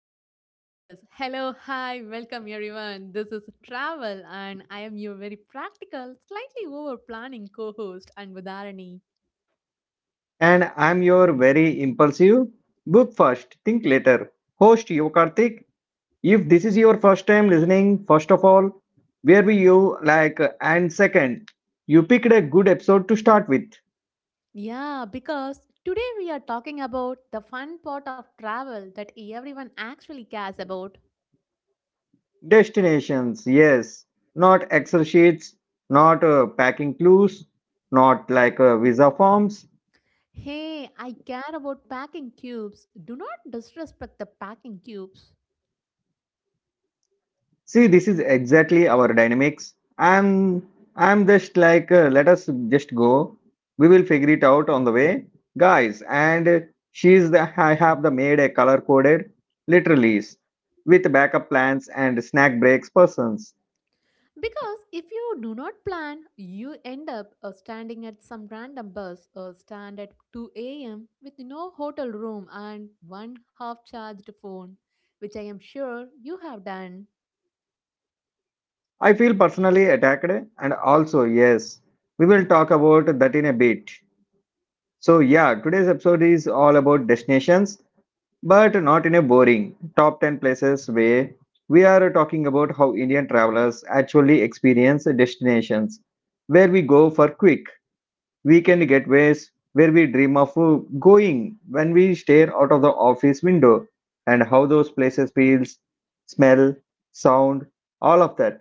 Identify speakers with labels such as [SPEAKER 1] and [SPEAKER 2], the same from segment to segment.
[SPEAKER 1] yet, but yes. Hello, hi, welcome everyone. This is Travel, and I am your very practical, slightly over planning co host, and Anvadarani.
[SPEAKER 2] And I'm your very impulsive, book first, think later, host Yokartik. If this is your first time listening, first of all, where were you? Like, and second, you picked a good episode to start with.
[SPEAKER 1] Yeah, because today we are talking about the fun part of travel that everyone actually cares about.
[SPEAKER 2] Destinations, yes. Not Excel sheets, not packing clues, not like visa forms.
[SPEAKER 1] Hey, I care about packing cubes. Do not disrespect the packing cubes.
[SPEAKER 2] See, this is exactly our dynamics. I'm just like, let us just go. We will figure it out on the way, guys. And she's the I have the made a color coded, literally, with backup plans and snack breaks persons.
[SPEAKER 1] Because if you do not plan, you end up standing at some random bus or stand at 2 a.m. with no hotel room and one half charged phone, which I am sure you have done.
[SPEAKER 2] I feel personally attacked, and also yes, we will talk about that in a bit. So, yeah, today's episode is all about destinations, but not in a boring top 10 places way. We are talking about how Indian travelers actually experience destinations, where we go for quick weekend getaways, where we dream of going when we stare out of the office window, and how those places feels, smell, sound, all of that.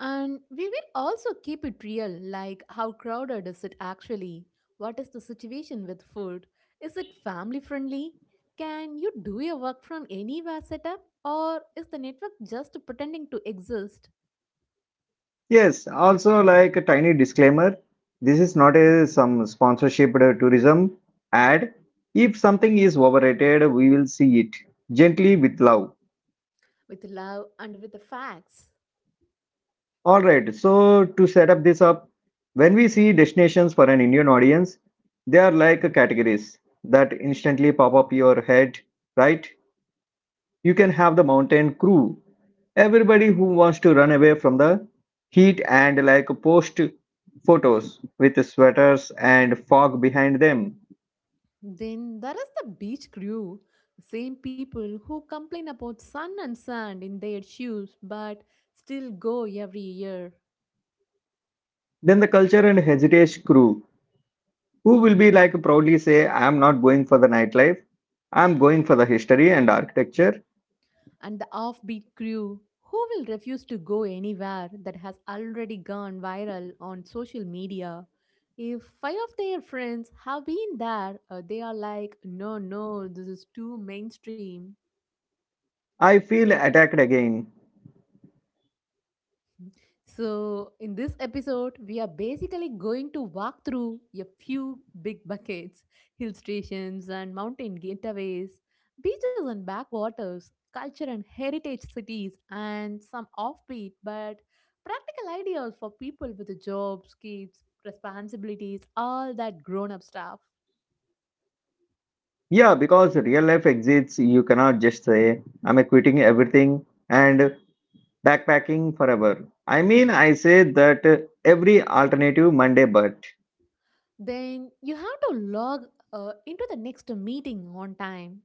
[SPEAKER 1] And we will also keep it real like how crowded is it actually? What is the situation with food? Is it family friendly? Can you do your work from anywhere setup? Or is the network just pretending to exist
[SPEAKER 2] Yes, also like a tiny disclaimer, this is not a some sponsorship tourism ad. If something is overrated, we will see it gently with love.
[SPEAKER 1] with love and with the facts?
[SPEAKER 2] All right, so to set up this up, when we see destinations for an Indian audience, they are like categories that instantly pop up your head, right? You can have the mountain crew. Everybody who wants to run away from the heat and like post photos with sweaters and fog behind them.
[SPEAKER 1] Then there is the beach crew, same people who complain about sun and sand in their shoes but still go every year.
[SPEAKER 2] Then the culture and heritage crew who will be like proudly say, I am not going for the nightlife. I'm going for the history and architecture.
[SPEAKER 1] And the offbeat crew who will refuse to go anywhere that has already gone viral on social media. If five of their friends have been there, they are like, no, no, this is too mainstream.
[SPEAKER 2] I feel attacked again.
[SPEAKER 1] So, in this episode, we are basically going to walk through a few big buckets, hill stations and mountain getaways, beaches and backwaters, culture and heritage cities, and some offbeat but practical ideas for people with jobs, kids, responsibilities, all that grown up stuff.
[SPEAKER 2] Yeah, because real life exists, you cannot just say, I'm quitting everything and backpacking forever. I mean, I say that every alternative Monday, but
[SPEAKER 1] Then you have to log into the next meeting on time.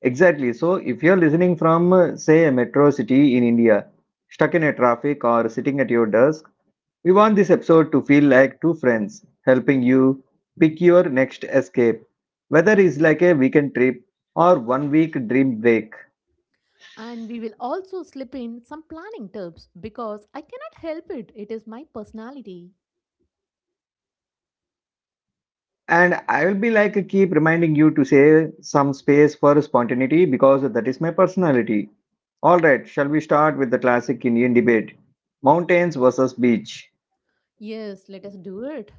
[SPEAKER 2] exactly. So if you're listening from, say, a metro city in India, stuck in a traffic or sitting at your desk, we want this episode to feel like two friends helping you pick your next escape, whether it's like a weekend trip or one week dream break.
[SPEAKER 1] And we will also slip in some planning tips because I cannot help it. It is my personality.
[SPEAKER 2] And I will be like, keep reminding you to say some space for spontaneity because that is my personality. All right, shall we start with the classic Indian debate mountains versus beach?
[SPEAKER 1] Yes, let us do it.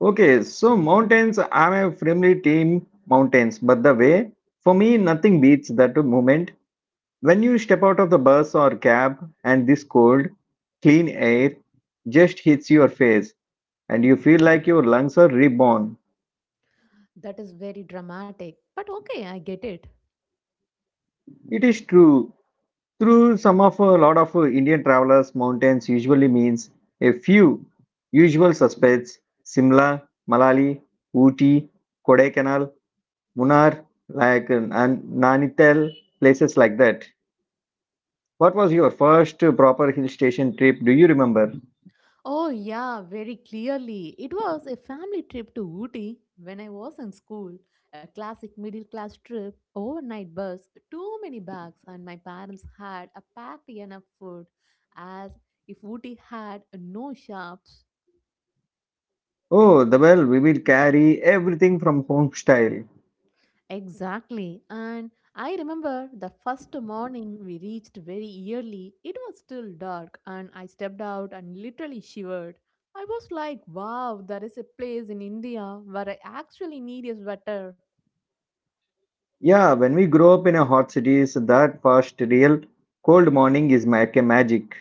[SPEAKER 2] Okay, so mountains, I'm a firmly team mountains, but the way, for me, nothing beats that moment when you step out of the bus or cab and this cold, clean air just hits your face and you feel like your lungs are reborn.
[SPEAKER 1] That is very dramatic. But okay, I get it.
[SPEAKER 2] It is true. Through some of a lot of Indian travelers, mountains usually means a few usual suspects Simla, Malali, Ooty, Kodaikanal. Munnar, like Nainital, places like that. What was your first proper hill station trip? Do you remember?
[SPEAKER 1] Oh, yeah, very clearly. It was a family trip to Ooty when I was in school. A classic middle class trip, overnight bus, too many bags, and my parents had a packed enough food as if Ooty had no shops.
[SPEAKER 2] Oh, the well, we will carry everything from home style.
[SPEAKER 1] Exactly. And I remember the first morning we reached very early. It was still dark, and I stepped out and literally shivered. I was like, wow, there is a place in India where I actually need a sweater.
[SPEAKER 2] Yeah, when we grow up in a hot cities, that first real cold morning is like a magic.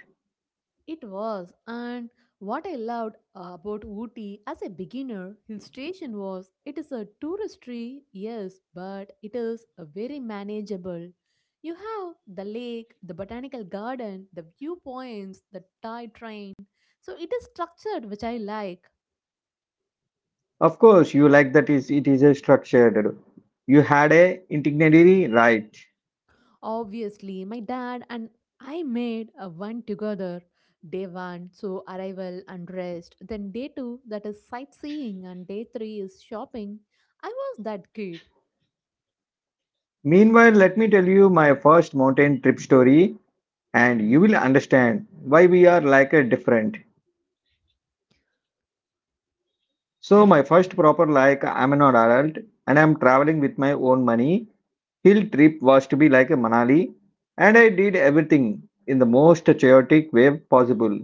[SPEAKER 1] It was, and what I loved about Ooty as a beginner hill station was it is a touristy, yes, but it is a very manageable. You have the lake, the botanical garden, the viewpoints, the toy train. So it is structured, which I like.
[SPEAKER 2] Of course, you like that is it is a structured. You had a itinerary, right?
[SPEAKER 1] Obviously, my dad and I made a one together. Day one, so arrival and rest. Then day two, that is sightseeing, and day three is shopping. I was that kid.
[SPEAKER 2] Meanwhile, let me tell you my first mountain trip story, and you will understand why we are like a different. So my first proper like I'm an adult and I'm traveling with my own money. Hill trip was to be like a Manali and I did everything in the most chaotic way possible.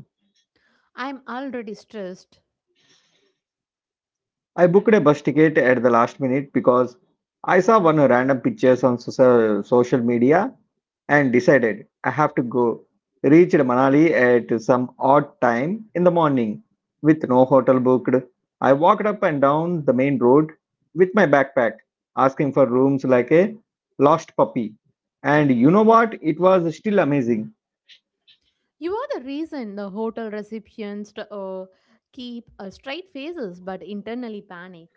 [SPEAKER 1] I'm already stressed.
[SPEAKER 2] I booked a bus ticket at the last minute because I saw one random pictures on social media and decided I have to go. Reached Manali at some odd time in the morning with no hotel booked. I walked up and down the main road with my backpack, asking for rooms like a lost puppy. And you know what? It was still amazing.
[SPEAKER 1] You are the reason the hotel receptionists keep straight faces but internally panic.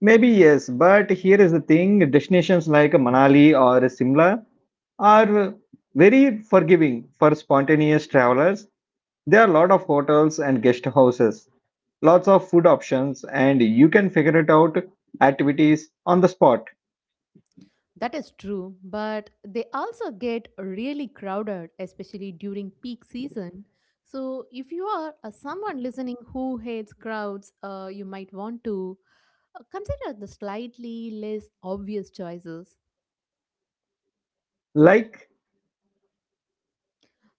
[SPEAKER 2] Maybe yes, but here is the thing destinations like Manali or Simla are very forgiving for spontaneous travelers. There are a lot of hotels and guest houses lots of food options and you can figure it out activities on the spot
[SPEAKER 1] That is true, but they also get really crowded, especially during peak season. So, if you are someone listening who hates crowds, you might want to consider the slightly less obvious choices.
[SPEAKER 2] like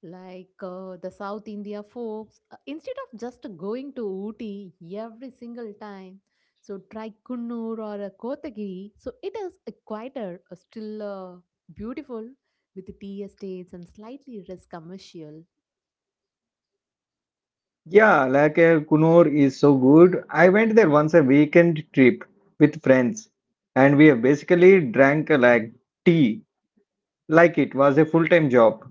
[SPEAKER 1] Like the South India folks, instead of just going to Ooty every single time, so try Kunnur or Kotagiri. So it is a quieter, still beautiful with the tea estates and slightly less commercial.
[SPEAKER 2] yeah like Kunur is so good. I went there once a weekend trip with friends and we have basically drank like tea like it was a full-time job.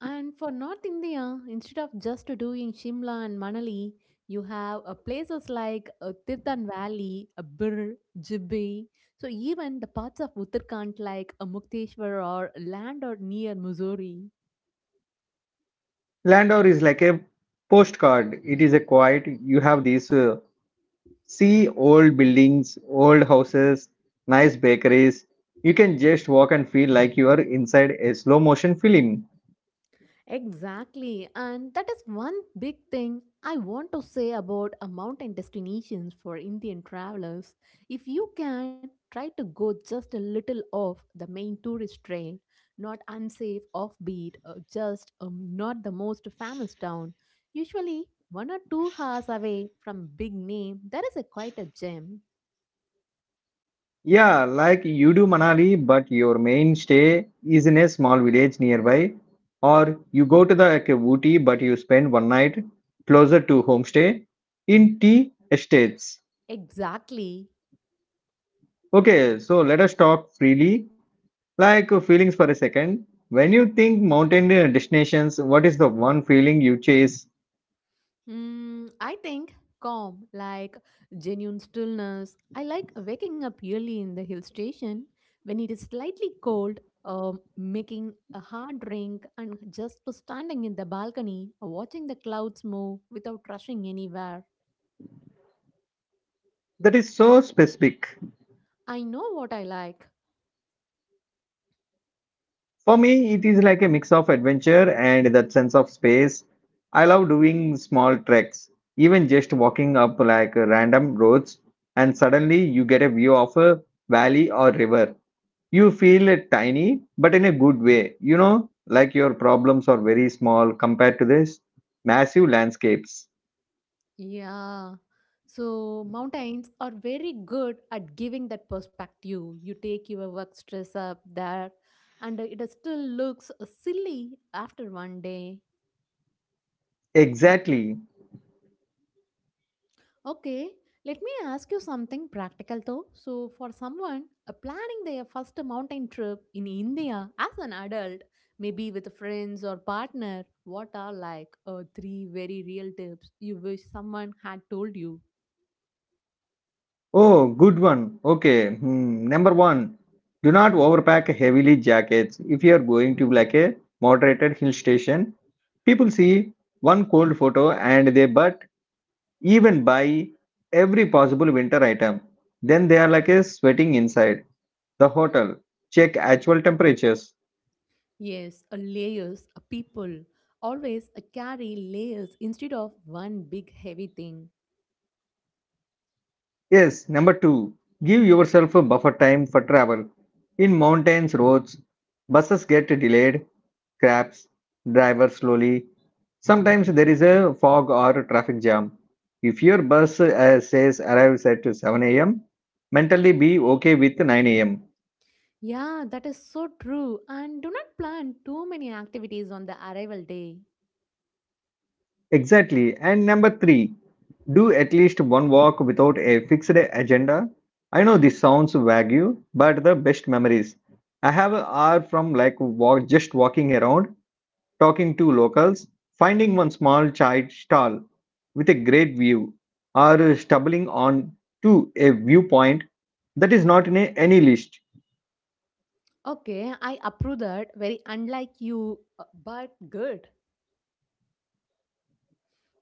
[SPEAKER 1] And for North India, instead of just doing Shimla and Manali, you have places like Tirthan Valley, Bir, Jibbe. So even the parts of Uttarakhand like Mukteshwar or land or near Missouri.
[SPEAKER 2] Landor is like a postcard. It is a quiet. You have these see old buildings old houses nice bakeries. You can just walk and feel like you are inside a slow motion film.
[SPEAKER 1] Exactly, and that is one big thing I want to say about mountain destinations for Indian travelers. If you can, try to go just a little off the main tourist trail, not unsafe, offbeat, or just not the most famous town. Usually, 1 or 2 hours away from big name, there is a quite a gem.
[SPEAKER 2] Yeah, like you do Manali, but your main stay is in a small village nearby. Or you go to the like, Ooty, but you spend one night closer to homestay in tea estates.
[SPEAKER 1] Exactly.
[SPEAKER 2] Okay, so let us talk freely, like feelings for a second. When you think mountain destinations, what is the one feeling you chase
[SPEAKER 1] I think calm, like genuine stillness. I like waking up early in the hill station when it is slightly cold, making a hard drink, and just standing in the balcony, watching the clouds move without rushing anywhere.
[SPEAKER 2] that is so specific?
[SPEAKER 1] I know what I like.
[SPEAKER 2] For me, it is like a mix of adventure and that sense of space. I love doing small treks, even just walking up like random roads, and suddenly you get a view of a valley or river. You feel tiny, but in a good way. You know, like your problems are very small compared to this massive landscapes.
[SPEAKER 1] Yeah. So, mountains are very good at giving that perspective. You take your work stress up there, and it still looks silly after one day.
[SPEAKER 2] Exactly.
[SPEAKER 1] Okay, let me ask you something practical though. So, for someone planning their first mountain trip in India as an adult, maybe with friends or partner, what are like three very real tips you wish someone had told you?
[SPEAKER 2] Oh, good one. Okay. Hmm. Number one, do not overpack heavily jackets if you are going to like a moderated hill station. People see one cold photo and they but even buy every possible winter item. Then they are like a sweating inside the hotel. Check actual temperatures.
[SPEAKER 1] Yes, layers, people. Always carry layers instead of one big heavy thing.
[SPEAKER 2] Yes, number two, give yourself a buffer time for travel. In mountains, roads, buses get delayed, crabs, driver slowly. Sometimes there is a fog or traffic jam. If your bus says arrives at 7 a.m., mentally be okay with 9 a.m.
[SPEAKER 1] Yeah, that is so true. And do not plan too many activities on the arrival day.
[SPEAKER 2] Exactly. And number three, do at least one walk without a fixed agenda. I know this sounds vague, but the best memories I have are from just walking around, talking to locals, finding one small chai stall with a great view, or stumbling on to a viewpoint that is not in any list.
[SPEAKER 1] Okay, I approve that. Very unlike you, but good.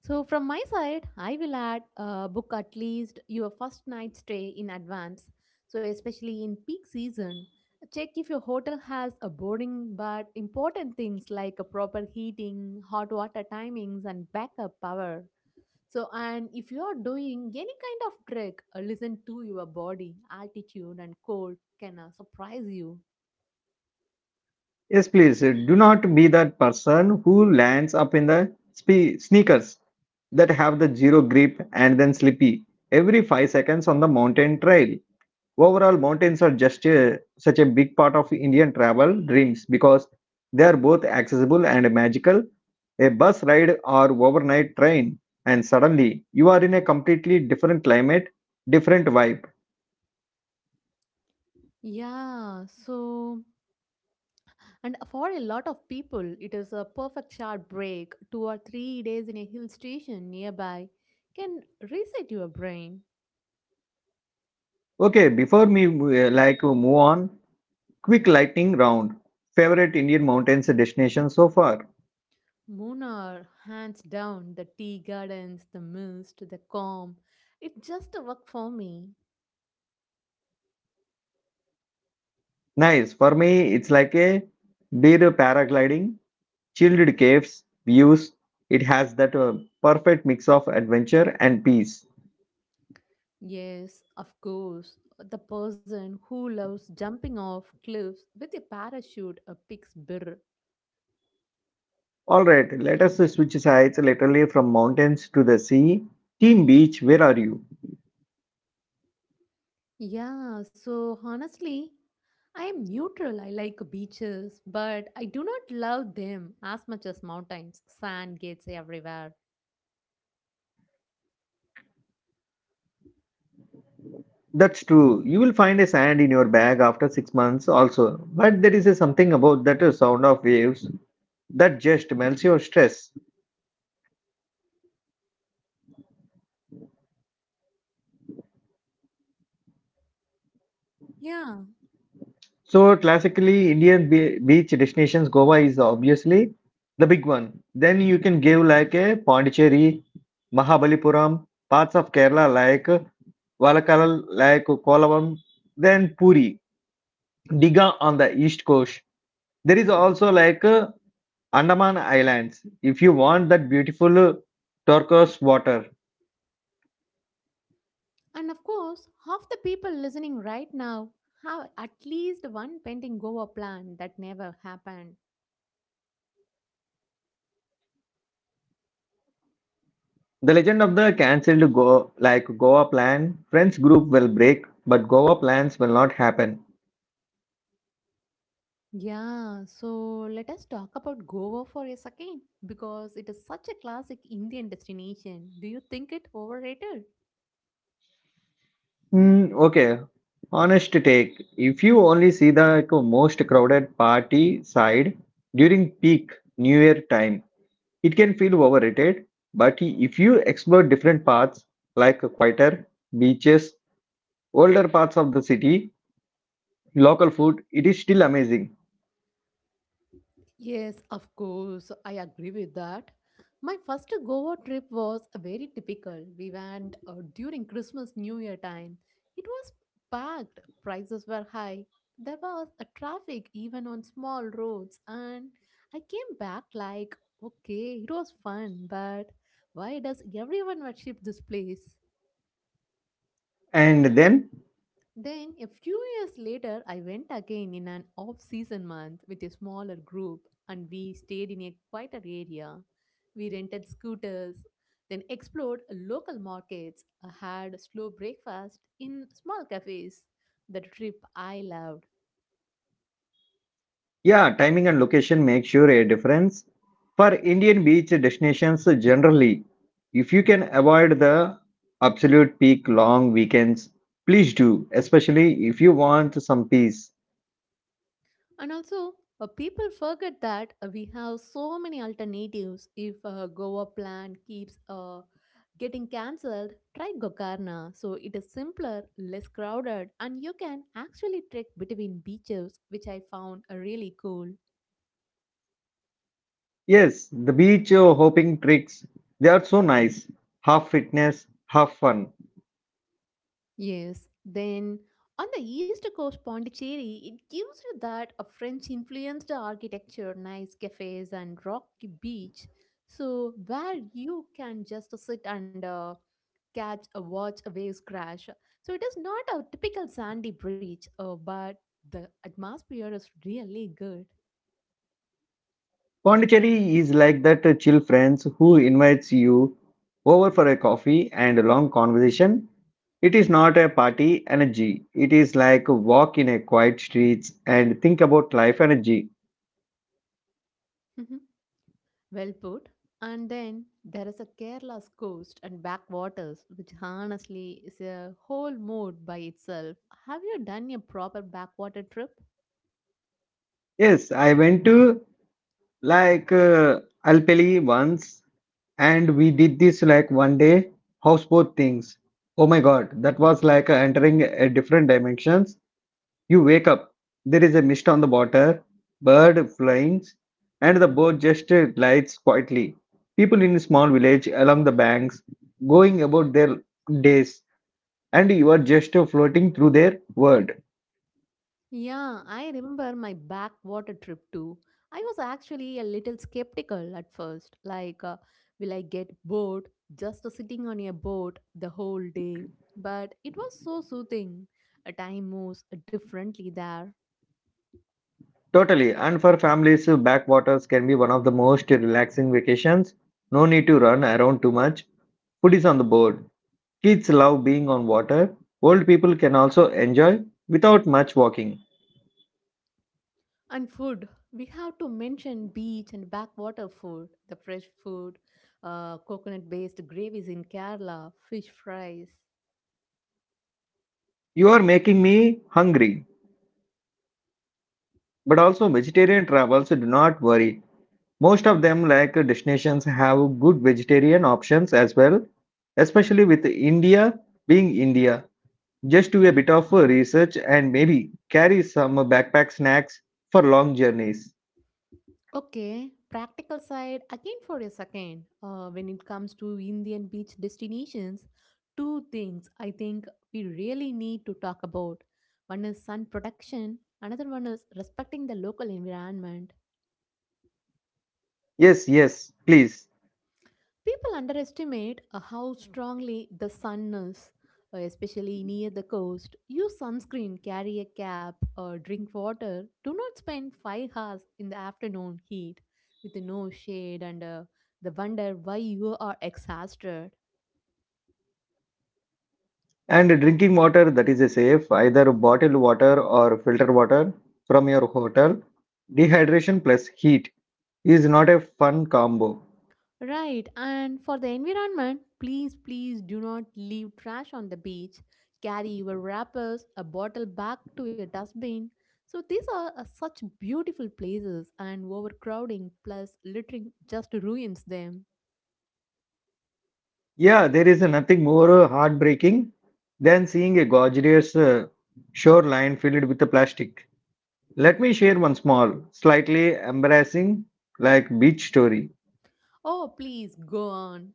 [SPEAKER 1] So, from my side, I will add book at least your first night stay in advance. So, especially in peak season, check if your hotel has a boarding but important things like a proper heating, hot water timings, and backup power. So, and if you are doing any kind of trek, listen to your body, altitude, and cold can surprise you.
[SPEAKER 2] Yes, please do not be that person who lands up in the sneakers that have the zero grip and then slippy every 5 seconds on the mountain trail. Overall, mountains are just a, such a big part of Indian travel dreams because they are both accessible and magical. A bus ride or overnight train, and suddenly you are in a completely different climate, different vibe.
[SPEAKER 1] Yeah, so and for a lot of people, it is a perfect short break. 2 or 3 days in a hill station nearby can reset your brain.
[SPEAKER 2] Okay, before me like move on, quick lightning round. Favorite Indian mountains destination so far?
[SPEAKER 1] Munnar, hands down, the tea gardens, the mist, the calm. It just a for me.
[SPEAKER 2] Nice. For me, it's like a beer paragliding, chilled caves, views. It has that perfect mix of adventure and peace.
[SPEAKER 1] Yes, of course. The person who loves jumping off cliffs with a parachute picks Bir.
[SPEAKER 2] All right, let us switch sides literally from mountains to the sea. Team Beach, where are you?
[SPEAKER 1] Yeah, so honestly, I am neutral. I like beaches, but I do not love them as much as mountains. Sand gets everywhere.
[SPEAKER 2] That's true. You will find a sand in your bag after 6 months also. But there is a something about that sound of waves that just melts your stress.
[SPEAKER 1] Yeah,
[SPEAKER 2] So classically, Indian beach destinations, Goa is obviously the big one. Then you can give like a Pondicherry, Mahabalipuram, parts of Kerala like Valakkalal, like Kolam, then Puri, Diga on the east coast. There is also like Andaman Islands. If you want that beautiful turquoise water,
[SPEAKER 1] and of course, half the people listening right now have at least one pending Goa plan that never happened.
[SPEAKER 2] the legend of the cancelled Go like Goa plan, friends group will break, but Goa plans will not happen.
[SPEAKER 1] Yeah, so let us talk about Goa for a second because it is such a classic Indian destination. Do you think it overrated?
[SPEAKER 2] Mm, okay, honest take. If you only see the like, most crowded party side during peak New Year time, it can feel overrated. But if you explore different paths like quieter beaches, older parts of the city, local food, it is still amazing.
[SPEAKER 1] Yes, of course, I agree with that. My first Goa trip was very typical. We went during Christmas New Year time. It was packed, prices were high. There was a traffic even on small roads and I came back like, okay, it was fun, but why does everyone worship this place?
[SPEAKER 2] And then
[SPEAKER 1] Then a few years later, I went again in an off season month with a smaller group and we stayed in a quieter area. We rented scooters, then explored local markets, had slow breakfast in small cafes. The trip I loved.
[SPEAKER 2] yeah, timing and location make sure a difference. For Indian beach destinations generally, if you can avoid the absolute peak long weekends, please do, especially if you want some peace.
[SPEAKER 1] And also, people forget that we have so many alternatives. If Goa plan keeps getting cancelled, try Gokarna. So it is simpler, less crowded, and you can actually trek between beaches, which I found really cool.
[SPEAKER 2] Yes, the beach hopping tricks, they are so nice. Half fitness, half fun.
[SPEAKER 1] Yes, then on the east coast Pondicherry, it gives you that a French influenced architecture, nice cafes and rocky beach. So where you can just sit and catch a watch a waves crash. So it is not a typical sandy beach, but the atmosphere is really good.
[SPEAKER 2] Pondicherry is like that chill friends who invites you over for a coffee and a long conversation. It is not a party energy. It is like a walk in a quiet streets and think about life energy.
[SPEAKER 1] Well put. And then there is a Kerala's coast and backwaters, which honestly is a whole mood by itself. Have you done a proper backwater trip?
[SPEAKER 2] Yes, I went to like Alpeli once and we did this like one day houseboat things. Oh my god, that was like entering a different dimensions. You wake up, there is a mist on the water, bird flying, and the boat just glides quietly. People in a small village along the banks going about their days, and you are just floating through their world.
[SPEAKER 1] Yeah, I remember my backwater trip too. I was actually a little skeptical at first. Like, will I get bored just sitting on a boat the whole day? But it was so soothing. A time moves differently there.
[SPEAKER 2] Totally, and for families, backwaters can be one of the most relaxing vacations. No need to run around too much. Food is on the board. Kids love being on water. Old people can also enjoy without much walking.
[SPEAKER 1] And food, we have to mention beach and backwater food, the fresh food, coconut based gravies in Kerala, fish fries.
[SPEAKER 2] You are making me hungry. But also vegetarian travels do not worry. Most of them like destinations have good vegetarian options as well, especially with India being India. Just do a bit of research and maybe carry some backpack snacks for long journeys.
[SPEAKER 1] Okay, practical side again for a second. When it comes to Indian beach destinations, two things I think we really need to talk about. One is sun protection, another one is respecting the local environment.
[SPEAKER 2] Yes, yes, please.
[SPEAKER 1] People underestimate how strongly the sun is, especially near the coast. Use sunscreen, carry a cap, or drink water. Do not spend 5 hours in the afternoon heat with no shade and the wonder why you are exhausted.
[SPEAKER 2] And drinking water that is safe, either bottled water or filtered water from your hotel. Dehydration plus heat is not a fun combo.
[SPEAKER 1] Right, and for the environment, please, please do not leave trash on the beach. Carry your wrappers, a bottle back to your dustbin. So, these are such beautiful places, and overcrowding plus littering just ruins them.
[SPEAKER 2] Yeah, there is nothing more heartbreaking than seeing a gorgeous shoreline filled with the plastic. Let me share one small, slightly embarrassing, like beach story.
[SPEAKER 1] Oh, please go on.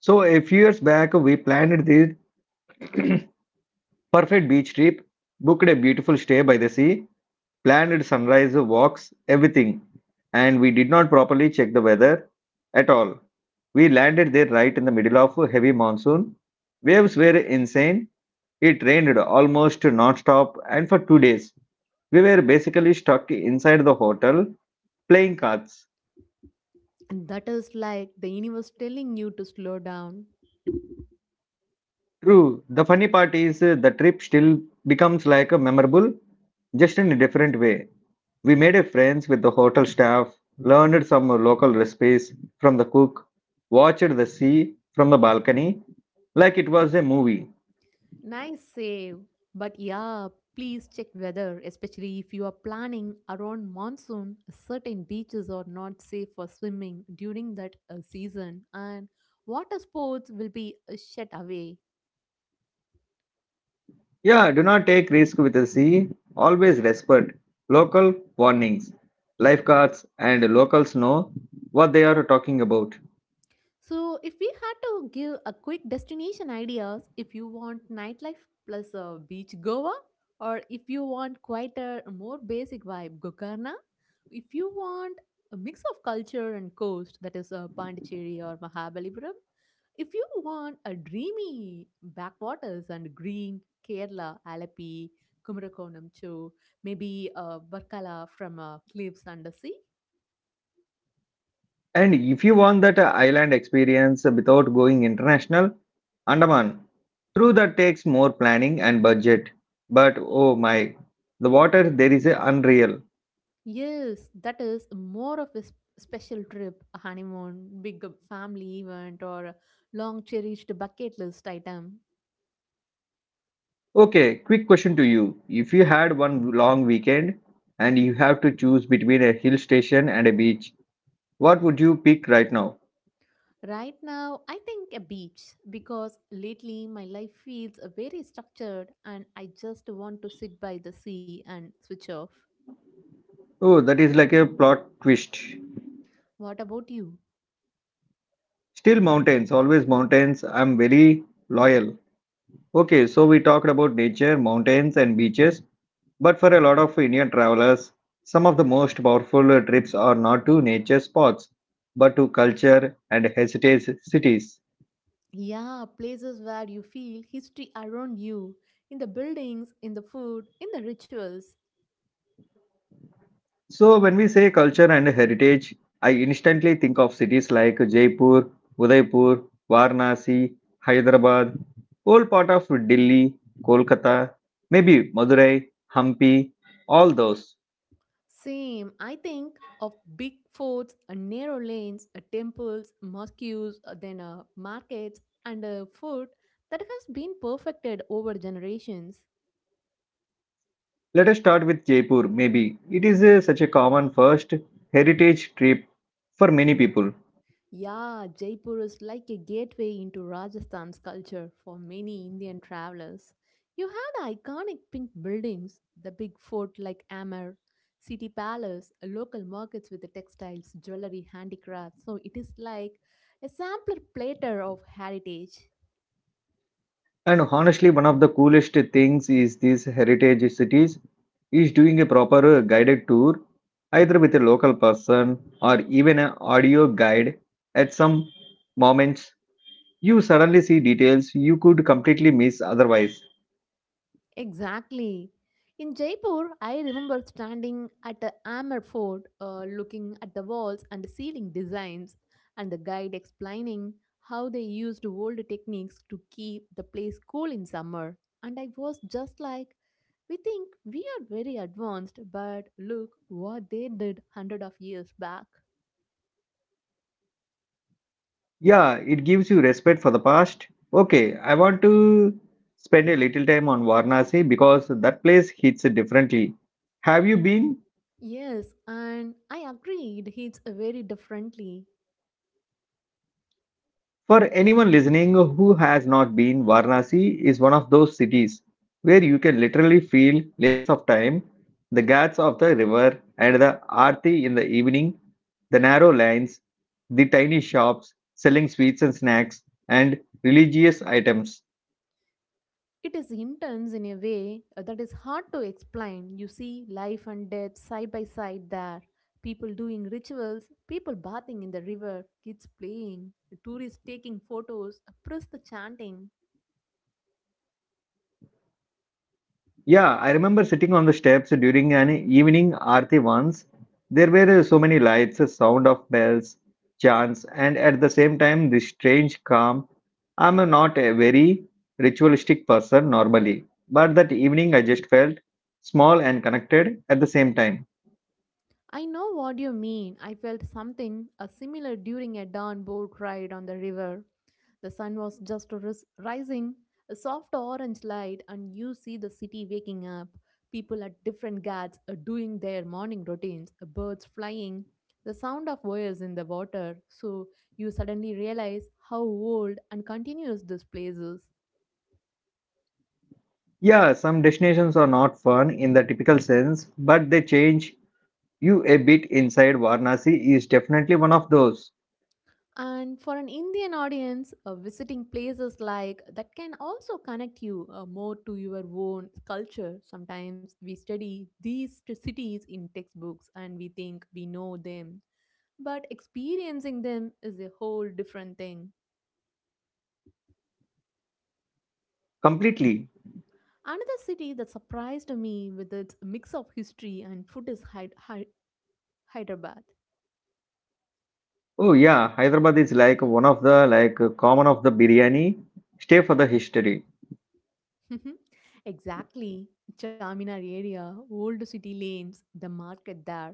[SPEAKER 2] So a few years back, we planned this perfect beach trip, booked a beautiful stay by the sea, planned sunrise walks, everything, and we did not properly check the weather at all. We landed there right in the middle of a heavy monsoon. Waves were insane. It rained almost non-stop and for 2 days. We were basically stuck inside the hotel playing cards.
[SPEAKER 1] And that is like the universe telling you to slow down.
[SPEAKER 2] True, the funny part is the trip still becomes like a memorable, just in a different way. We made a friends with the hotel staff, learned some local recipes from the cook, watched the sea from the balcony like it was a movie.
[SPEAKER 1] Nice save. But yeah, please check weather, especially if you are planning around monsoon. Certain beaches are not safe for swimming during that season, and water sports will be shut away.
[SPEAKER 2] Yeah, do not take risk with the sea. Always respect local warnings, lifeguards, and locals know what they are talking about.
[SPEAKER 1] So, if we had to give a quick destination ideas, if you want nightlife plus a beach Goa, or if you want quieter, more basic vibe Gokarna, if you want a mix of culture and coast, that is Pondicherry or Mahabalipuram, if you want a dreamy backwaters and green Kerala, Alapi, Kumarakonam, Chu, maybe Barkala from Cliffs Under Sea.
[SPEAKER 2] And if you want that island experience without going international, Andaman. True, that takes more planning and budget. But oh my, the water there is a unreal.
[SPEAKER 1] Yes, that is more of a special trip, a honeymoon, big family event, or a long cherished bucket list item.
[SPEAKER 2] Okay, quick question to you. If you had one long weekend and you have to choose between a hill station and a beach, what would you pick right now?
[SPEAKER 1] Right now, I think a beach because lately my life feels very structured and I just want to sit by the sea and switch off.
[SPEAKER 2] Oh, that is like a plot twist.
[SPEAKER 1] What about you?
[SPEAKER 2] Still mountains, always mountains. I'm very loyal. Okay, so we talked about nature, mountains, and beaches. But for a lot of Indian travelers, some of the most powerful trips are not to nature spots, but to culture and heritage cities.
[SPEAKER 1] Yeah, places where you feel history around you in the buildings, in the food, in the rituals.
[SPEAKER 2] So, when we say culture and heritage, I instantly think of cities like Jaipur, Udaipur, Varanasi, Hyderabad, whole part of Delhi, Kolkata, maybe Madurai, Hampi, all those.
[SPEAKER 1] Same, I think of big forts, narrow lanes, temples, mosques, then markets, and food that has been perfected over generations.
[SPEAKER 2] Let us start with Jaipur, maybe. It is a, such a common first heritage trip for many people.
[SPEAKER 1] Yeah, Jaipur is like a gateway into Rajasthan's culture for many Indian travelers. You have the iconic pink buildings, the big fort like Amer, city palace, local markets with the textiles, jewelry, handicrafts. So it is like a sampler platter of heritage.
[SPEAKER 2] And honestly, one of the coolest things is these heritage cities is doing a proper guided tour, either with a local person or even an audio guide. At some moments, you suddenly see details you could completely miss otherwise.
[SPEAKER 1] Exactly. In Jaipur, I remember standing at the Amber Fort, looking at the walls and the ceiling designs, and the guide explaining how they used old techniques to keep the place cool in summer. And I was just like, we think we are very advanced, but look what they did hundred of years back.
[SPEAKER 2] Yeah, it gives you respect for the past. Okay, I want to spend a little time on Varanasi because that place hits differently. Have you been?
[SPEAKER 1] Yes, and I agreed. It's very differently.
[SPEAKER 2] For anyone listening who has not been, Varanasi is one of those cities where you can literally feel layers of time, the ghats of the river and the aarti in the evening, the narrow lanes, the tiny shops selling sweets and snacks and religious items.
[SPEAKER 1] It is intense in a way that is hard to explain. You see life and death side by side there. People doing rituals, people bathing in the river, kids playing, tourists taking photos, priests chanting.
[SPEAKER 2] Yeah, I remember sitting on the steps during an evening aarti once. There were so many lights, a sound of bells, chants, and at the same time, this strange calm. I'm not a very ritualistic person normally, but that evening I just felt small and connected at the same time.
[SPEAKER 1] I know what you mean. I felt something similar during a dawn boat ride on the river. The sun was just rising, a soft orange light, and you see the city waking up. People at different ghats are doing their morning routines, birds flying, the sound of wires in the water. So you suddenly realize how old and continuous this place is.
[SPEAKER 2] Yeah, some destinations are not fun in the typical sense, but they change you a bit inside. Varanasi is definitely one of those.
[SPEAKER 1] And for an Indian audience, visiting places like that can also connect you more to your own culture. Sometimes we study these cities in textbooks and we think we know them, but experiencing them is a whole different thing.
[SPEAKER 2] Completely.
[SPEAKER 1] Another city that surprised me with its mix of history and food is Hyderabad.
[SPEAKER 2] Oh yeah, Hyderabad is like one of the like common of the biryani. Stay for the history.
[SPEAKER 1] Exactly. Charminar area, old city lanes, the market there.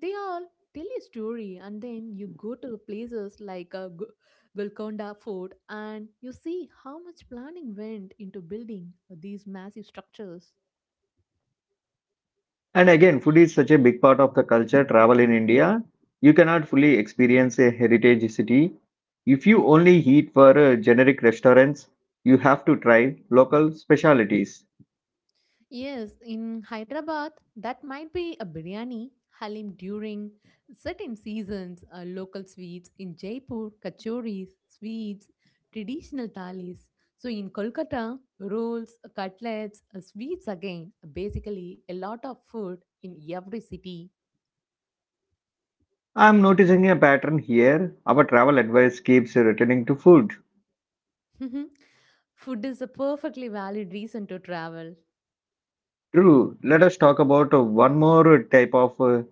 [SPEAKER 1] They all tell a story, and then you go to places like Golconda Fort and you see how much planning went into building these massive structures.
[SPEAKER 2] And again, food is such a big part of the culture travel in India. You cannot fully experience a heritage city if you only eat for generic restaurants. You have to try local specialities.
[SPEAKER 1] Yes, in Hyderabad, that might be a biryani, halim during certain seasons, local sweets. In Jaipur, kachoris, sweets, traditional thalis. So in Kolkata, rolls, cutlets, sweets again. Basically, a lot of food in every city.
[SPEAKER 2] I'm noticing a pattern here. Our travel advice keeps returning to food.
[SPEAKER 1] Food is a perfectly valid reason to travel.
[SPEAKER 2] True. Let us talk about one more type of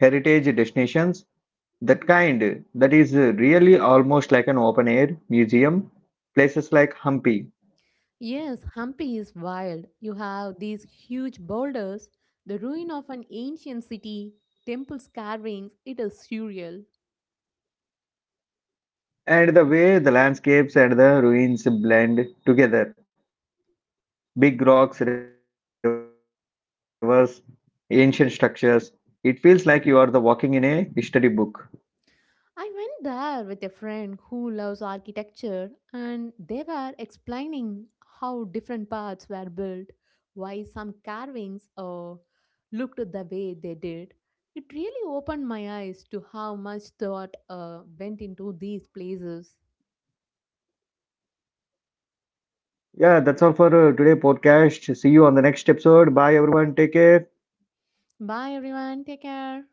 [SPEAKER 2] heritage destinations. That kind that is really almost like an open air museum, places like Hampi.
[SPEAKER 1] Yes, Hampi is wild. You have these huge boulders, the ruin of an ancient city, temple carvings. It is surreal.
[SPEAKER 2] And the way the landscapes and the ruins blend together, big rocks, rivers, ancient structures, it feels like you are the walking in a history book.
[SPEAKER 1] I went there with a friend who loves architecture, and they were explaining how different parts were built, why some carvings looked the way they did. It really opened my eyes to how much thought went into these places.
[SPEAKER 2] Yeah, that's all for today podcast. See you on the next episode. Bye everyone. Take care.
[SPEAKER 1] Bye, everyone. Take care.